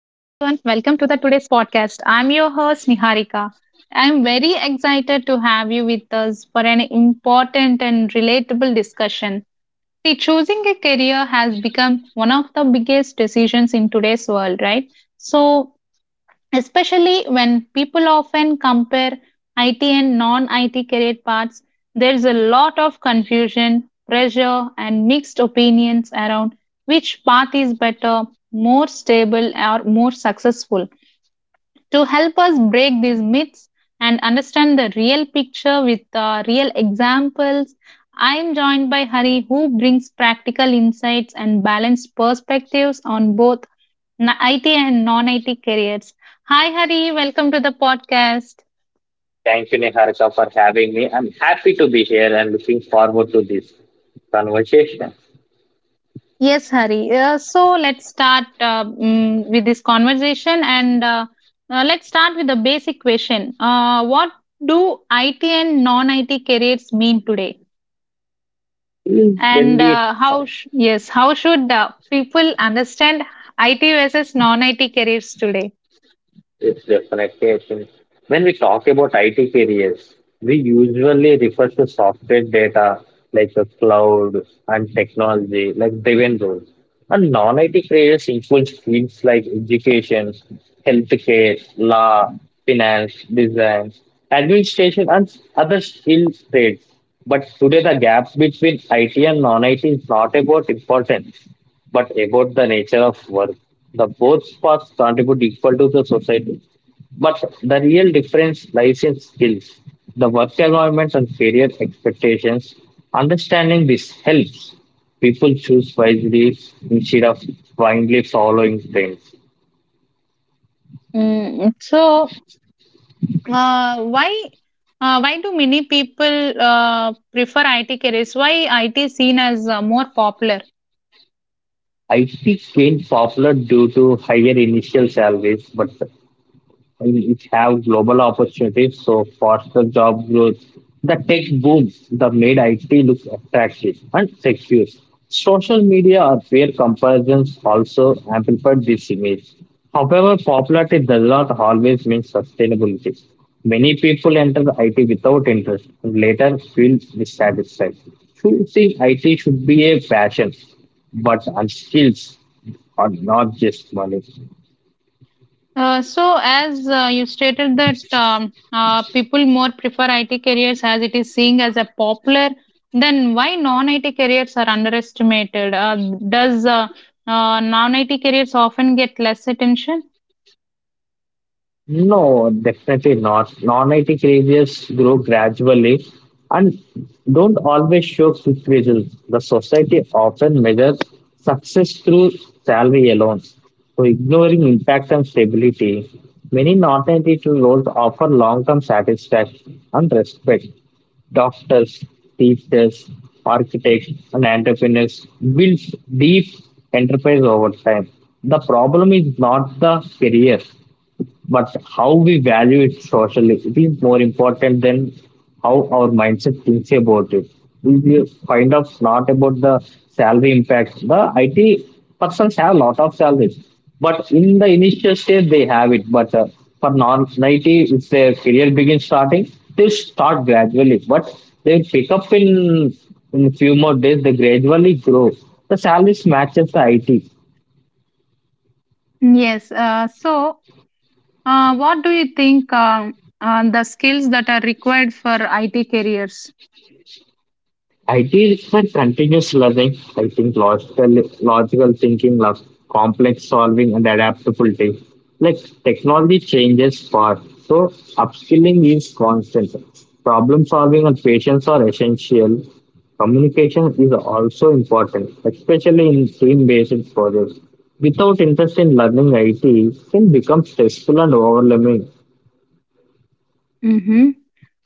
welcome to the today's podcast. I'm your host Niharika. I'm very excited to have you with us for an important and relatable discussion. See, choosing a career has become one of the biggest decisions in today's world, right? So, especially when people often compare IT and non IT career paths, there's a lot of confusion, pressure, and mixed opinions around which path is better, more stable, or more successful. To help us break these myths and understand the real picture with real examples, I am joined by Hari, who brings practical insights and balanced perspectives on both IT and non IT careers. Hi, Hari. Welcome to the podcast. Thank you, Niharika, for having me. I'm happy to be here and looking forward to this conversation. Yes, Hari. So let's start with this conversation and let's start with the basic question. What do IT and non IT careers mean today? When And we yes, how should people understand IT versus non IT careers today? It's definitely. I think. When we talk about IT careers, we usually refer to software data like the cloud and technology, like driven roles. And non-IT careers includes fields like education, healthcare, law, finance, design, administration, and other skill trades. But today, the gap between IT and non-IT is not about importance, but about the nature of work, the both paths contribute equal to the society, but the real difference lies in skills, the work environments, and career expectations. Understanding this helps people choose wisely instead of blindly following trends. Mm, so, Uh, why why do many people prefer IT careers? Why IT is seen as more popular? IT gained popular due to higher initial salaries, but it have global opportunities, so faster job growth. The tech booms the made IT looks attractive and secure. Social media or peer comparisons also amplified this image. However, popularity does not always mean sustainability. Many people enter IT without interest and later feel dissatisfied. Choosing IT should be a passion, but on skills are not just money. So as You stated that people more prefer IT careers as it is seen as a popular, then why non-IT careers are underestimated? Does Non-IT careers often get less attention? No, definitely not. Non-IT careers grow gradually and don't always show quick results. The society often measures success through salary alone, so ignoring impact and stability. Many non-IT roles offer long-term satisfaction and respect. Doctors, teachers, architects, and entrepreneurs build deep enterprise over time. The problem is not the career, but how we value it socially. It is more important than how our mindset thinks about it. We you find out not about the salary impact. The it persons have a lot of salaries, but in the initial stage they have it, but for non it, if their career begins starting, they start gradually, but they pick up in few more days. They gradually grow, the salaries matches the it. Yes. What do you think the skills that are required for IT careers? IT requires continuous learning, I think logical thinking, complex solving, and adaptability. Like technology changes fast, so upskilling is constant. Problem solving and patience are essential. Communication is also important, especially in team-based projects. Without interest in learning IT, it can become stressful and overwhelming. Mm-hmm.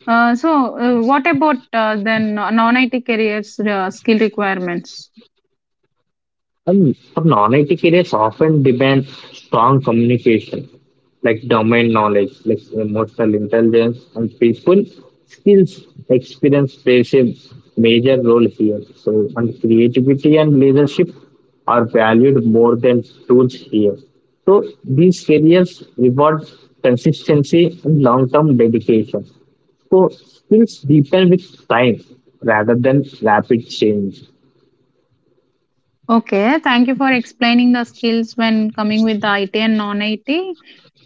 Uh, so, what about then non-IT careers skill requirements? And for non-IT careers, often demand strong communication, like domain knowledge, like emotional intelligence, and people skills. Experience plays a major role here. So, and creativity and leadership are valued more than tools here. So, these careers reward consistency and long-term dedication. So, skills deepen with time rather than rapid change. Okay, thank you for explaining the skills when coming with the IT and non-IT.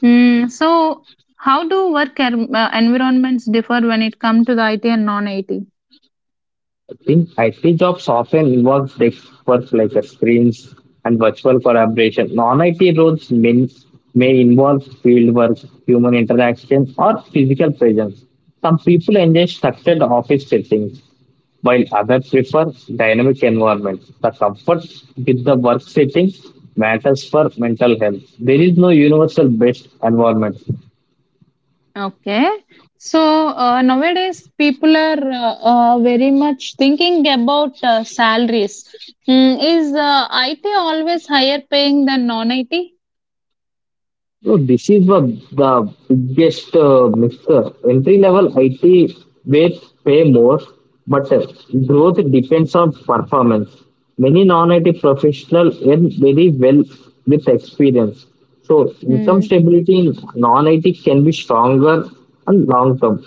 Mm, so, how do work environments differ when it comes to the IT and non-IT? In IT jobs often involve desk work like a screens and virtual collaboration. Non-IT roles may involve field work, human interaction, or physical presence. Some people enjoy structured office settings, while others prefer dynamic environments. The comfort with the work setting matters for mental health. There is no universal best environment. Okay. So nowadays people are very much thinking about salaries. Mm, is IT always higher paying than non-IT? So this is the biggest mixer. Entry level IT may pay more, but growth depends on performance. Many non-IT professionals earn very well with experience. So income stability in non-IT can be stronger and long term.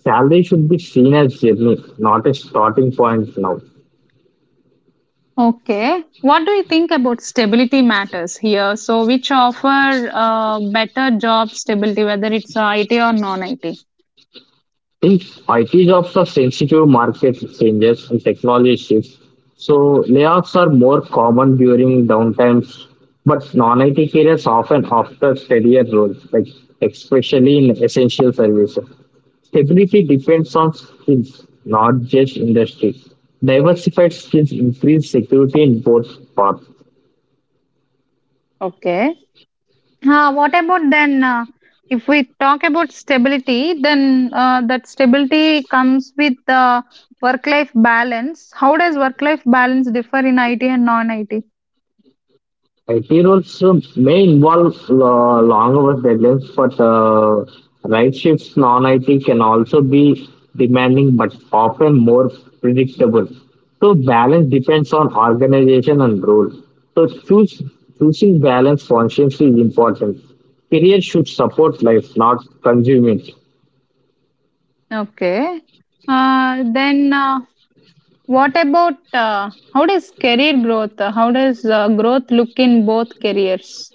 Salary should be seen as journey, not a starting point now. Okay. What do you think about stability matters here? So, which offer better job stability, whether it's IT or non IT? If IT jobs are sensitive market changes and technology shifts, so layoffs are more common during downtimes, but non-IT careers often after career roles, like especially in essential services. Stability depends on skills, not just industry. Diversified skills increase security in both paths. Okay. What about then? If we talk about stability, then that stability comes with work life balance. How does work life balance differ in IT and non IT? Heroes may involve long hours deadlines, but night shifts non-IT can also be demanding, but often more predictable. So balance depends on organization and role. So choosing balance consciously is important. Career should support life, not consume it. Okay. Then, what about How does career growth? How does growth look in both careers?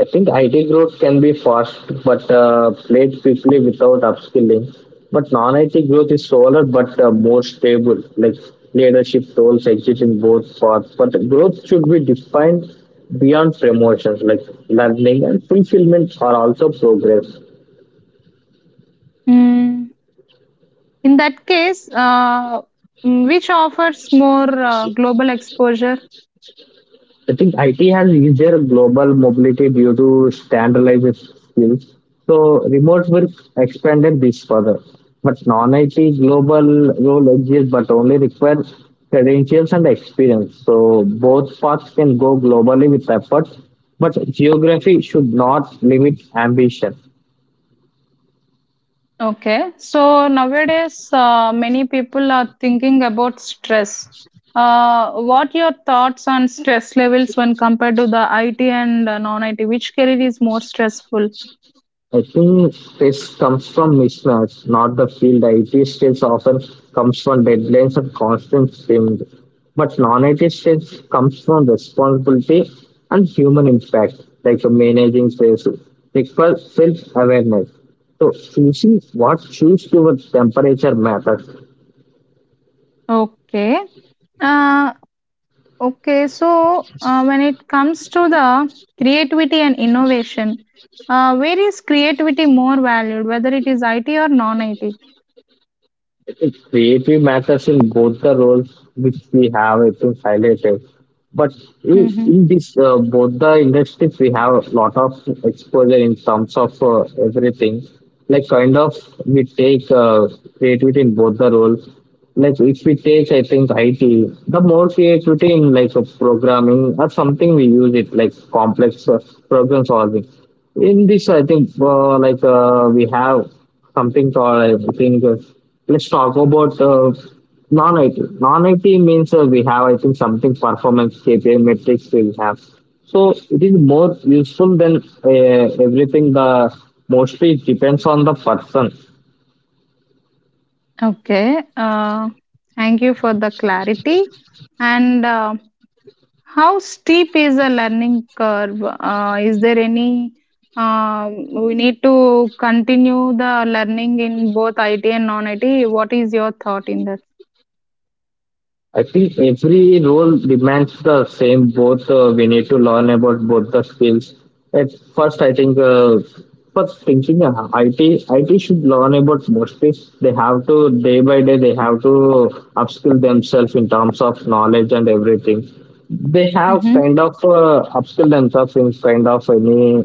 I think IT growth can be fast, but played quickly without upskilling. But non-IT growth is slower, but more stable. Like leadership roles exist in both paths, but growth should be defined beyond promotions. Like learning and fulfillment are also progress. Mm, in that case, which offers more global exposure? I think IT has easier global mobility due to standardized skills. So remote work expanded this further. But non-IT global role exists but only require credentials and experience. So both paths can go globally with efforts, but geography should not limit ambition. Okay, so nowadays many people are thinking about stress. What your thoughts on stress levels when compared to the IT and non-IT? Which career is more stressful? I think this comes from mismatch, not the field. IT stress often comes from deadlines and constant strain, but non-IT stress comes from responsibility and human impact, like managing stress, requires self-awareness. So choosing what choose your temperature matter. Okay. Uh, okay, so when it comes to the creativity and innovation, where is creativity more valued, whether it is IT or non-IT? It's creative matters in both the roles which we have I think highlighted. But in, Mhm. in this both the industries, we have a lot of exposure in terms of everything. Like kind of we take creativity in both the roles. Like if we take, I think IT, the more creativity in like programming or something we use it like complex problem solving. In this, I think like we have something called I think let's talk about non-IT. Non-IT means we have I think something performance KPI metrics we have. So it is more useful than everything. The mostly it depends on the person. Okay. Thank you for the clarity. And how steep is a learning curve? Is there any? Uh, we need to continue the learning in both IT and non-IT. What is your thought in that? I think every role demands the same. Both we need to learn about both the skills. At first, I think first thinking IT should learn about mostly. They have to day by day. They have to upskill themselves in terms of knowledge and everything. They have Mm-hmm. kind of upskilled themselves in kind of any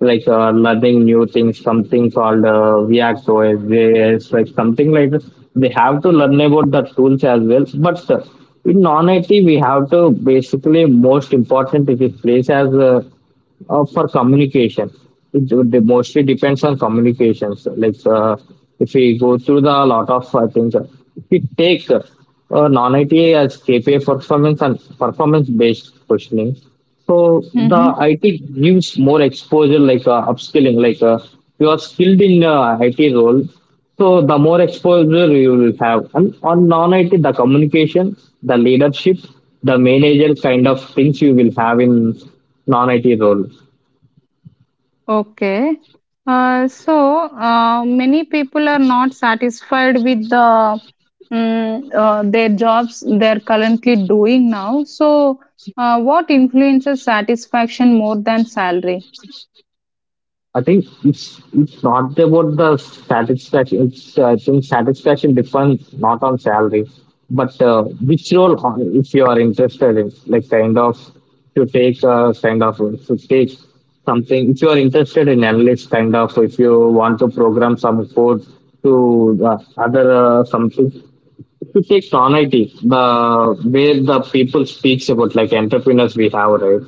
like learning new things, something called React OS, like something like this. They have to learn about the tools as well. But in non IT, we have to basically most important it is place as for communication. It mostly depends on communications. Like if we go through the lot of things, we take non it as KPI performance and performance-based questioning, so the Mm-hmm. IT gives more exposure, like upskilling. Like you are skilled in IT role, so the more exposure you will have. And on non-IT, the communication, the leadership, the manager kind of things you will have in non-IT role. Okay. Uh, so Many people are not satisfied with the their jobs they're currently doing now. So what influences satisfaction more than salary? I think it's not about the satisfaction. It's I think satisfaction depends not on salary, but which role if you are interested in, like kind of to take to take something. If you are interested in analyst, kind of if you want to program some code to other something to take Sonity, the where the people speaks about like entrepreneurs we have, right?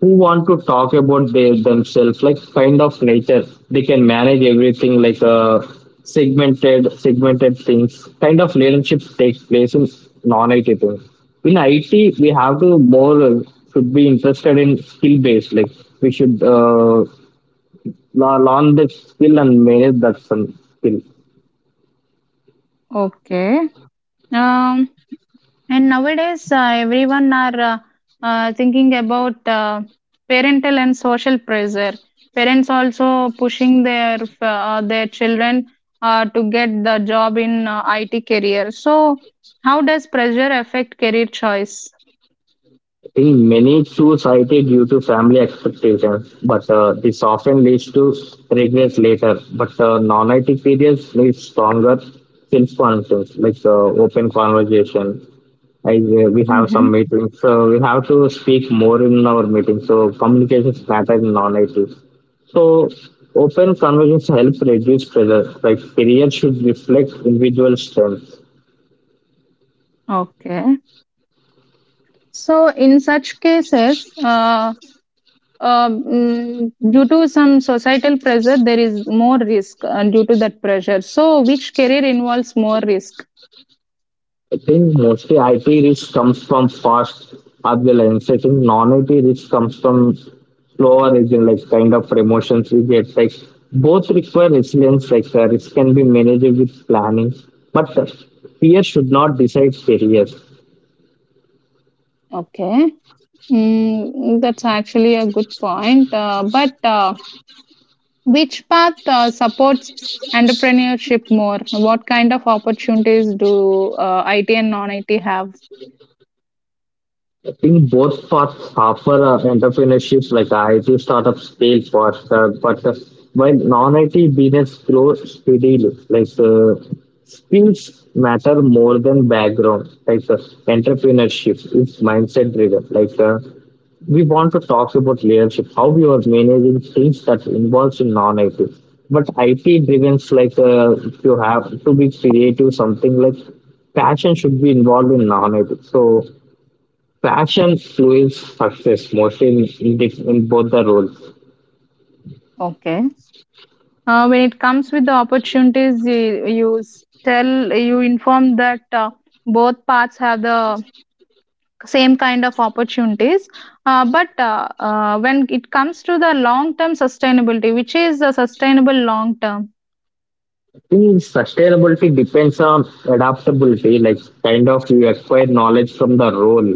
Who want to talk about they themselves, like kind of nature. They can manage everything like segmented things. Kind of leadership takes place in non-IT things. In IT, we have to more should be interested in skill based. Like we should learn the skill and manage that some skill. Okay. Um, And nowadays, everyone are thinking about parental and social pressure. Parents also pushing their children to get the job in IT career. So, how does pressure affect career choice? Think many choose IT due to family expectations, but this often leads to regrets later. But non-IT careers need stronger self-confidence, like open conversation. We have some Mm-hmm. meetings, so we have to speak more in our meetings. So communication matters in non-IT. So open conversations help reduce pressure. Like career should reflect individual strengths. Okay. So, in such cases, due to some societal pressure, there is more risk due to that pressure. So, which career involves more risk? I think mostly IT risk comes from fast turbulence. I think non-IT risk comes from slower region, like kind of promotions we get. Like both require resilience. Like the risk can be managed with planning, but the fear should not decide career. Okay. Mm, that's actually a good point. But which path supports entrepreneurship more? What kind of opportunities do IT and non IT have? I think both for Harper entrepreneurships like IT startups fail faster, but while non-IT business grow steadily, like skills matter more than background. Like entrepreneurship is mindset driven. Like we want to talk about leadership, how we are managing things that involves in non-IT. But IT driven, like you have to be creative, something like passion should be involved in non-IT. So passion fuels success mostly in both the roles. Okay. When it comes with the opportunities, you inform that both paths have the same kind of opportunities. But when it comes to the long term sustainability, which is the sustainable long term? I think sustainability depends on adaptability, like kind of you acquire knowledge from the role.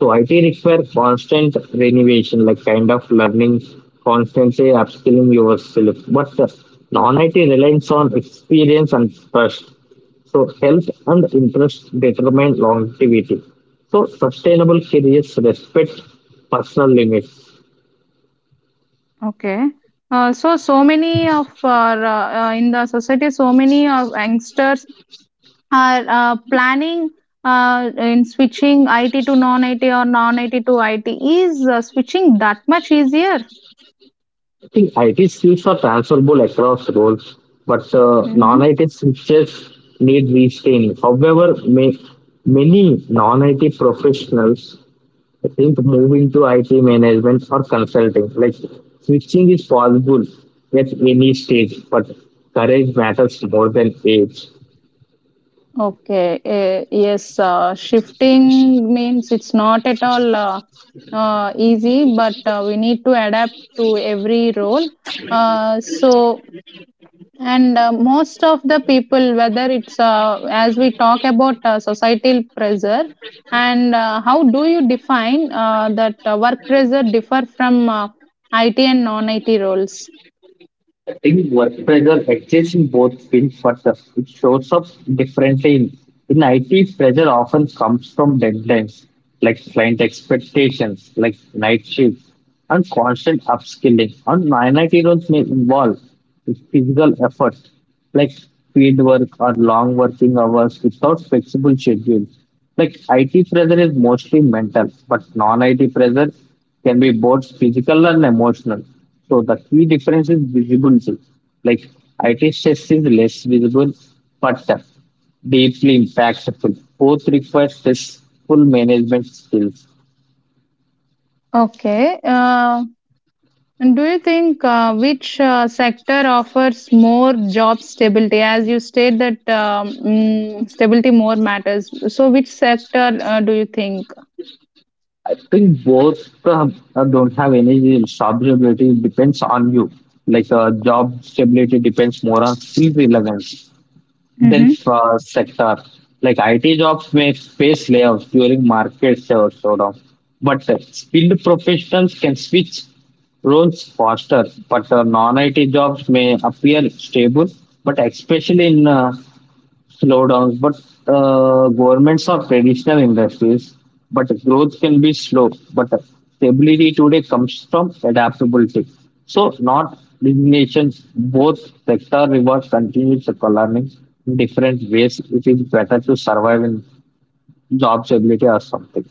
So IT requires constant renovation, like kind of learning, constantly upskilling yourself. But the non-IT relies on experience and trust. So health and interest determine longevity. So sustainable careers respect personal limits. Okay. So many of our, in the society, so many of youngsters are planning in switching IT to non-IT or non-IT to IT. Is switching that much easier? I think IT skills are transferable across roles, but Mm-hmm. non-IT skills need retraining. However, many non-IT professionals, I think, move into IT management or consulting. Like switching is possible at any stage, but courage matters more than age. Okay. Yes. Shifting means it's not at all easy, but we need to adapt to every role. Uh, so And most of the people, whether it's as we talk about societal pressure, and how do you define that work pressure differ from IT and non-IT roles? I think work pressure exists in both fields, but it shows up differently. In IT, pressure often comes from deadlines, like client expectations, like night shifts, and constant upskilling. And non IT roles may involve physical effort, like paid work or long working hours without flexible schedules. Like IT pressure is mostly mental, but non-IT pressure can be both physical and emotional. So the key difference is visibility. Like IT stress is less visible, but deeply impactful. Both require stressful management skills. Okay. And do you think which sector offers more job stability? As you state that stability more matters. So, which sector do you think? I think both uh, don't have any stability. It depends on you. Like job stability depends more on skill relevance than hmm sector. Like IT jobs may face layoffs during market slowdown, but skilled professionals can switch roles faster. But non-IT jobs may appear stable, but especially in slowdowns, but governments or traditional industries. But growth can be slow, but the stability today comes from adaptability. So, not resignation. Both sector rewards continuous economics in different ways. It is better to survive in job stability or something.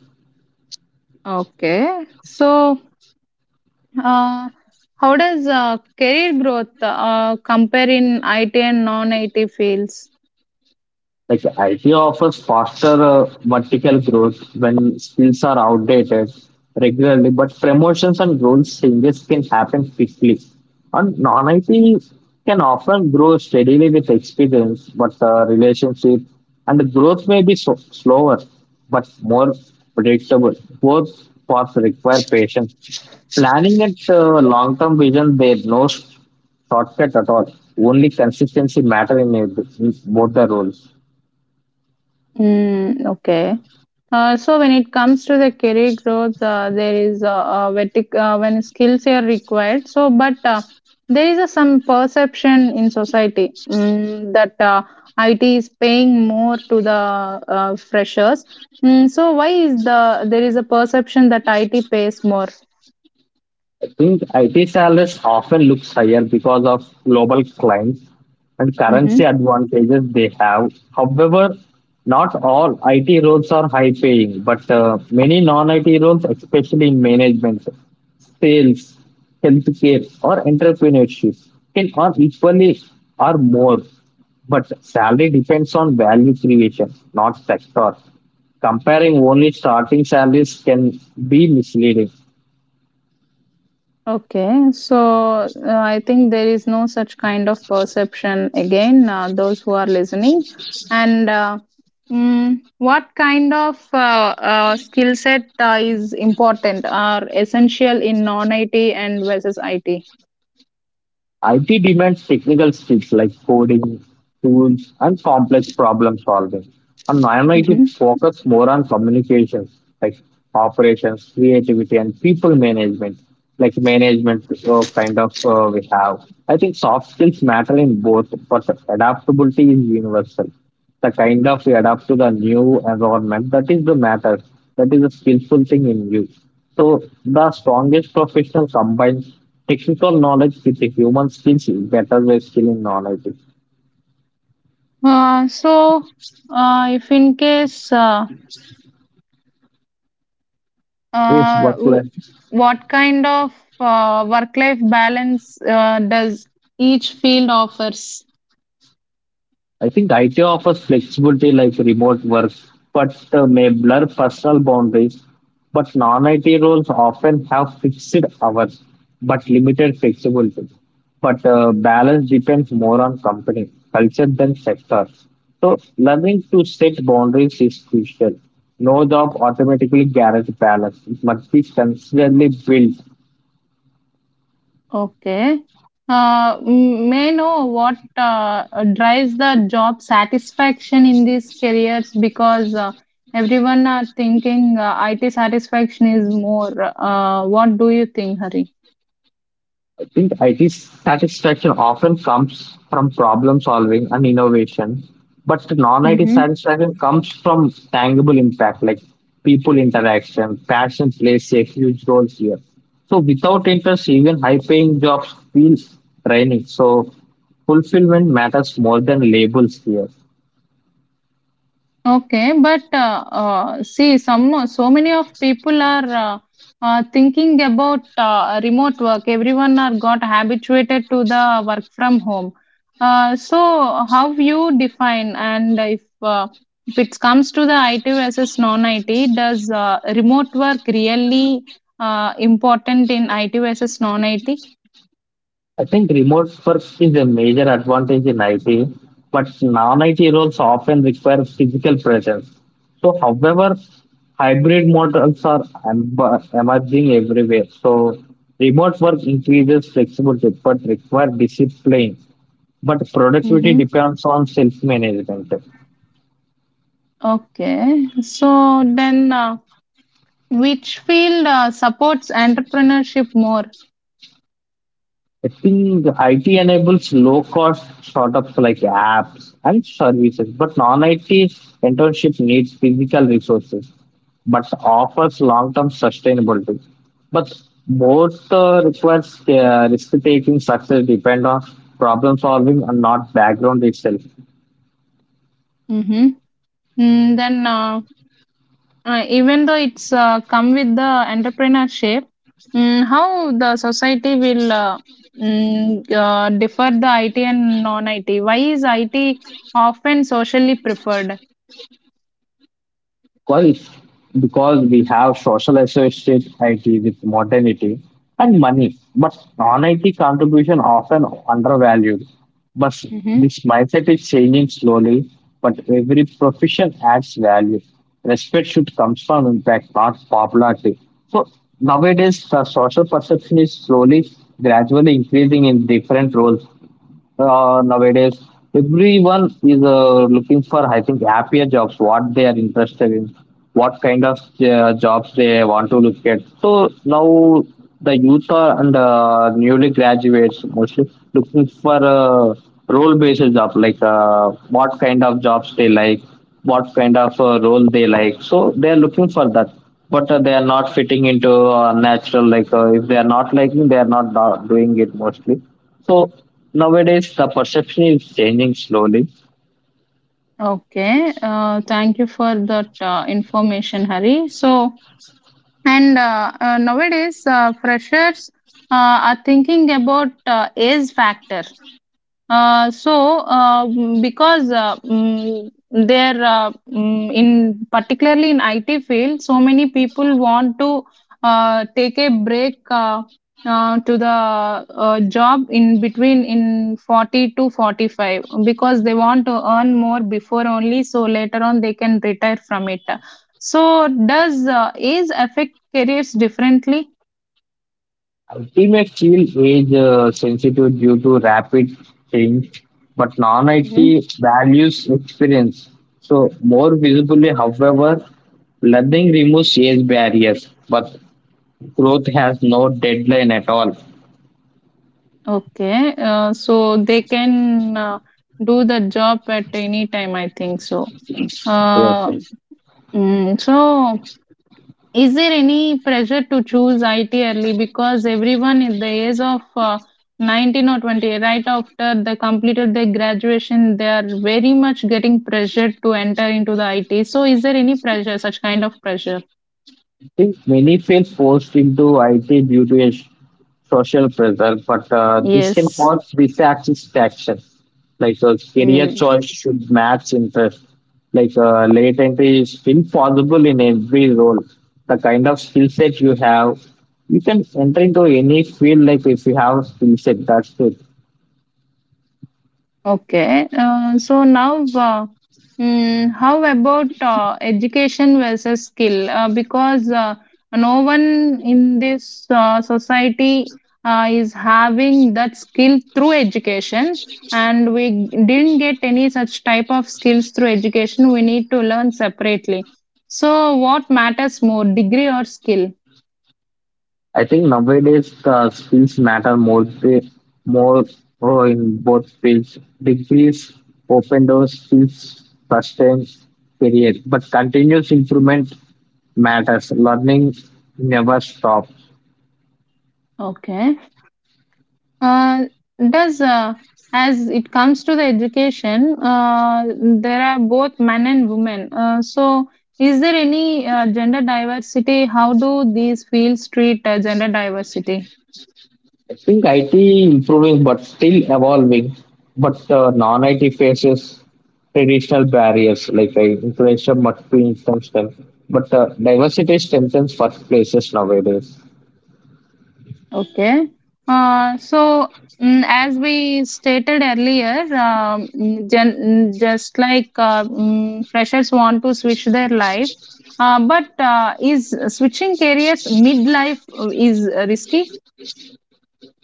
Okay. So, Uh, how does career growth compare in IT and non-IT fields? Like IT offers faster vertical growth when skills are outdated regularly, but promotions and role changes can happen quickly. And non-IT can often grow steadily with experience, but the relationship and the growth may be so, slower, but more predictable. Both paths require patience. Planning and long-term vision, there's no shortcut at all. Only consistency matter in both the roles. Mm, okay. So when it comes to the career growth, there is a when skills are required. So, but there is a, some perception in society that IT is paying more to the freshers. So why is the there is a perception that IT pays more? I think IT salaries often looks higher because of global clients and currency advantages they have. However, not all IT roles are high paying, but many non-IT roles, especially in management, sales, healthcare, or entrepreneurship, can earn equally or more. But salary depends on value creation, not sector. Comparing only starting salaries can be misleading. Okay, so I think there is no such kind of perception again, those who are listening. And what kind of skill set is important or essential in non IT and versus IT? IT demands technical skills like coding, tools, and complex problem solving. And non-IT hmm focus more on communications, like operations, creativity, and people management, like management kind of we have. I think soft skills matter in both, but adaptability is universal, the kind of you adapt to the new environment. That is the matter, that is a skillful thing in you. So the strongest professional combines technical knowledge with the human skills in better way, skill in knowledge Uh, so, if in case, is uh, what w- what kind of work life balance does each field offers? I think. IT offers flexibility like remote work, but may blur personal boundaries. But non IT roles often have fixed hours, but limited flexibility. But balance depends more on company, culture than sector. So, learning to set boundaries is crucial. No job automatically guarantees balance. It must be constantly built. Okay. May I know what drives the job satisfaction in these careers because everyone are thinking IT satisfaction is more. What do you think, Hari? I think IT satisfaction often comes from problem solving and innovation, but non IT Mm-hmm. satisfaction comes from tangible impact like people interaction. Passion plays a huge role here. So, without interest, even high paying jobs feel draining. So, fulfillment matters more than labels here. Okay, but see, some so many of people are thinking about remote work. Everyone are got habituated to the work from home. So how you define and if it comes to the IT versus non-IT, does remote work really important in IT versus non-IT? I think remote work is a major advantage in IT, but non-IT roles often require physical presence. So, however, hybrid models are em- emerging everywhere. So, remote work increases flexibility but require discipline. But productivity hmm depends on self-management. Okay, so then which field supports entrepreneurship more? I think IT enables low cost startups like apps and services, but non IT internship needs physical resources but offers long term sustainability. But both requires risk taking, success depend on problem solving and not background itself. Mhm. Mm, then, even though it's come with the entrepreneurship, how the society will differ the IT and non-IT? Why is IT often socially preferred? Quite because we have social associated IT with modernity and money, but non-IT contribution often undervalued. But hmm this mindset is changing slowly, but every profession adds value. Respect should come from impact, not popularity. So nowadays, the social perception is slowly, gradually increasing in different roles nowadays everyone is looking for, I think, happier jobs what they are interested in, what kind of jobs they want to look at. So now the youth are and newly graduates mostly looking for role based job, like what kind of jobs they like, what kind of role they like, so they are looking for that. But they are not fitting into natural, like if they are not liking they are not doing it mostly. So nowadays, the perception is changing slowly. Okay. Thank you for that information, Hari. So, and nowadays, freshers uh, are thinking about age factor. Because in particularly in IT field, so many people want to take a break to the job in between in 40 to 45 because they want to earn more before only, so later on they can retire from it. So, does age affect careers differently? IT may feel age sensitive due to rapid change, but non IT values experience. So, more visibly, however, learning removes age barriers, but growth has no deadline at all. Okay, so they can do the job at any time, I think so. Yes, Uh, yes. so, is there any pressure to choose IT early because everyone in the age of 19 or 20, right after they completed their graduation, they are very much getting pressured to enter into the IT. So, is there any pressure, such kind of pressure? I think many feel forced into IT due to a social pressure, but this can Yes. cause dissatisfaction. Like a career choice should match interest. Like late entry is still possible in every role. The kind of skill set you have, you can enter into any field. Like if you have a skill set, that's it. Okay, so now, how about education versus skill? Because no one in this society is having that skill through education, and we didn't get any such type of skills through education. We need to learn separately. So, what matters more, degree or skill? I think nowadays skills matter more in both fields. Degrees open doors, skills sustain career, but continuous improvement matters. Learning never stops. Okay. Uh, does As it comes to the education, there are both men and women. So, is there any gender diversity? How do these fields treat gender diversity? I think IT improving but still evolving, but non-IT faces traditional barriers like inflation must be intentional. But diversity strengthens workplaces nowadays. Okay. Uh, so, as we stated earlier, just like freshers want to switch their life, but is switching careers midlife is risky?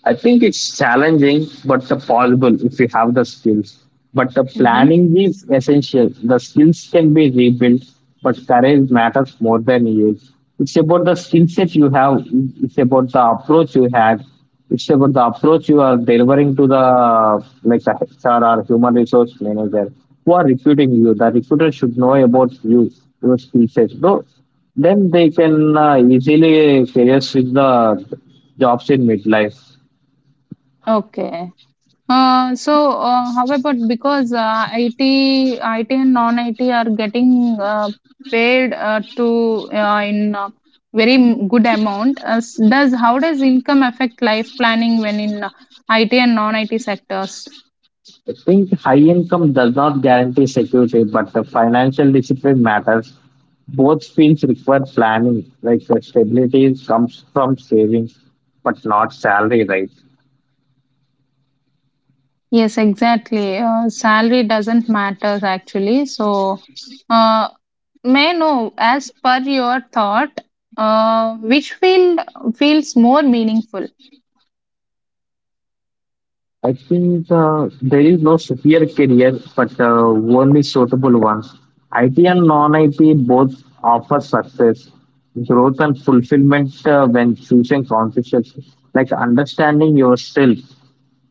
I think it's challenging, but the possible if you have the skills. But the hmm planning is essential. The skills can be rebuilt, but courage matters more than age. It's about the skill set you have. It's about the approach you had. It's about the approach you are delivering to the, like the HR or human resource manager who are recruiting you. The recruiter should know about you, your skill set. So then they can easily career switch the jobs in midlife. Okay. However, because IT and non-IT are getting paid to in very m- good amount, does how does income affect life planning when in IT and non-IT sectors? I think high income does not guarantee security, but the financial discipline matters. Both fields require planning, like the stability comes from savings, but not salary, right? Yes, exactly. Salary doesn't matter actually. So, uh, may I know as per your thought, which field feels more meaningful? I think there is no superior career, but only suitable ones. IT and non-IT both offer success, growth, and fulfillment when choosing consciously. Like understanding yourself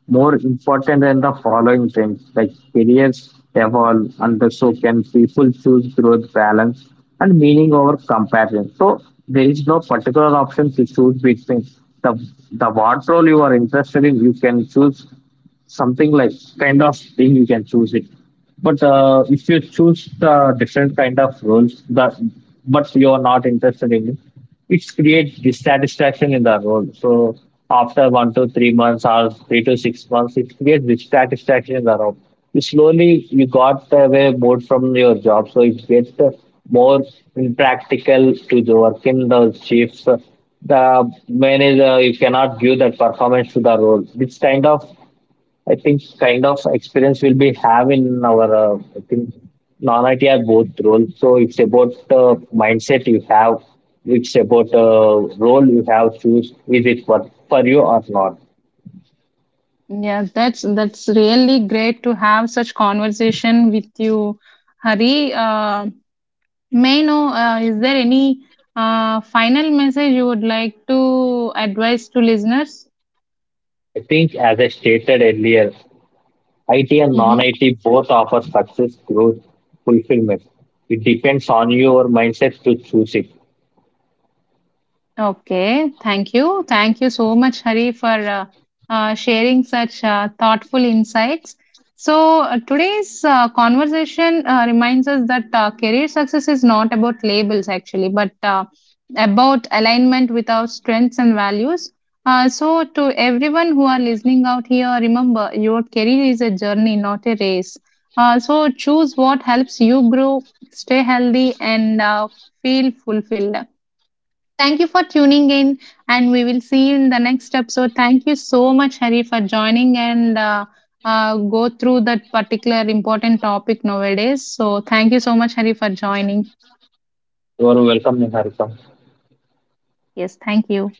more important than the following things, like careers evolve and so can people. Choose growth, balance and meaning over comparison. So there is no particular option to choose between the the what role you are interested in, you can choose something, like kind of thing you can choose it. But if you choose the different kind of roles that, but you are not interested in it, it creates dissatisfaction in the role. So after 1 to 3 months or 3 to 6 months it creates dissatisfaction in the role. You slowly you got away bored from your job, so it gets more impractical to the work in the shifts, the manager, you cannot give that performance to the role. This kind of, I think, kind of experience will be have in our, I think, non-IT are both roles. So it's about the mindset you have. It's about role you have choose. Is it for you or not? Yes, that's really great to have such conversation with you, Hari. May I know, is there any final message you would like to advise to listeners? I think as I stated earlier, IT and Mm-hmm. non-IT both offer success, growth, fulfillment. It depends on your mindset to choose it. Okay, thank you. Thank you so much, Hari, for sharing such thoughtful insights. So, today's conversation reminds us that career success is not about labels actually, but about alignment with our strengths and values. So, to everyone who are listening out here, remember your career is a journey, not a race. So, choose what helps you grow, stay healthy, and feel fulfilled. Thank you for tuning in, and we will see you in the next episode. Thank you so much, Hari, for joining and go through that particular important topic nowadays. So, thank you so much, Hari, for joining. You are welcome, Niharika. Yes, thank you.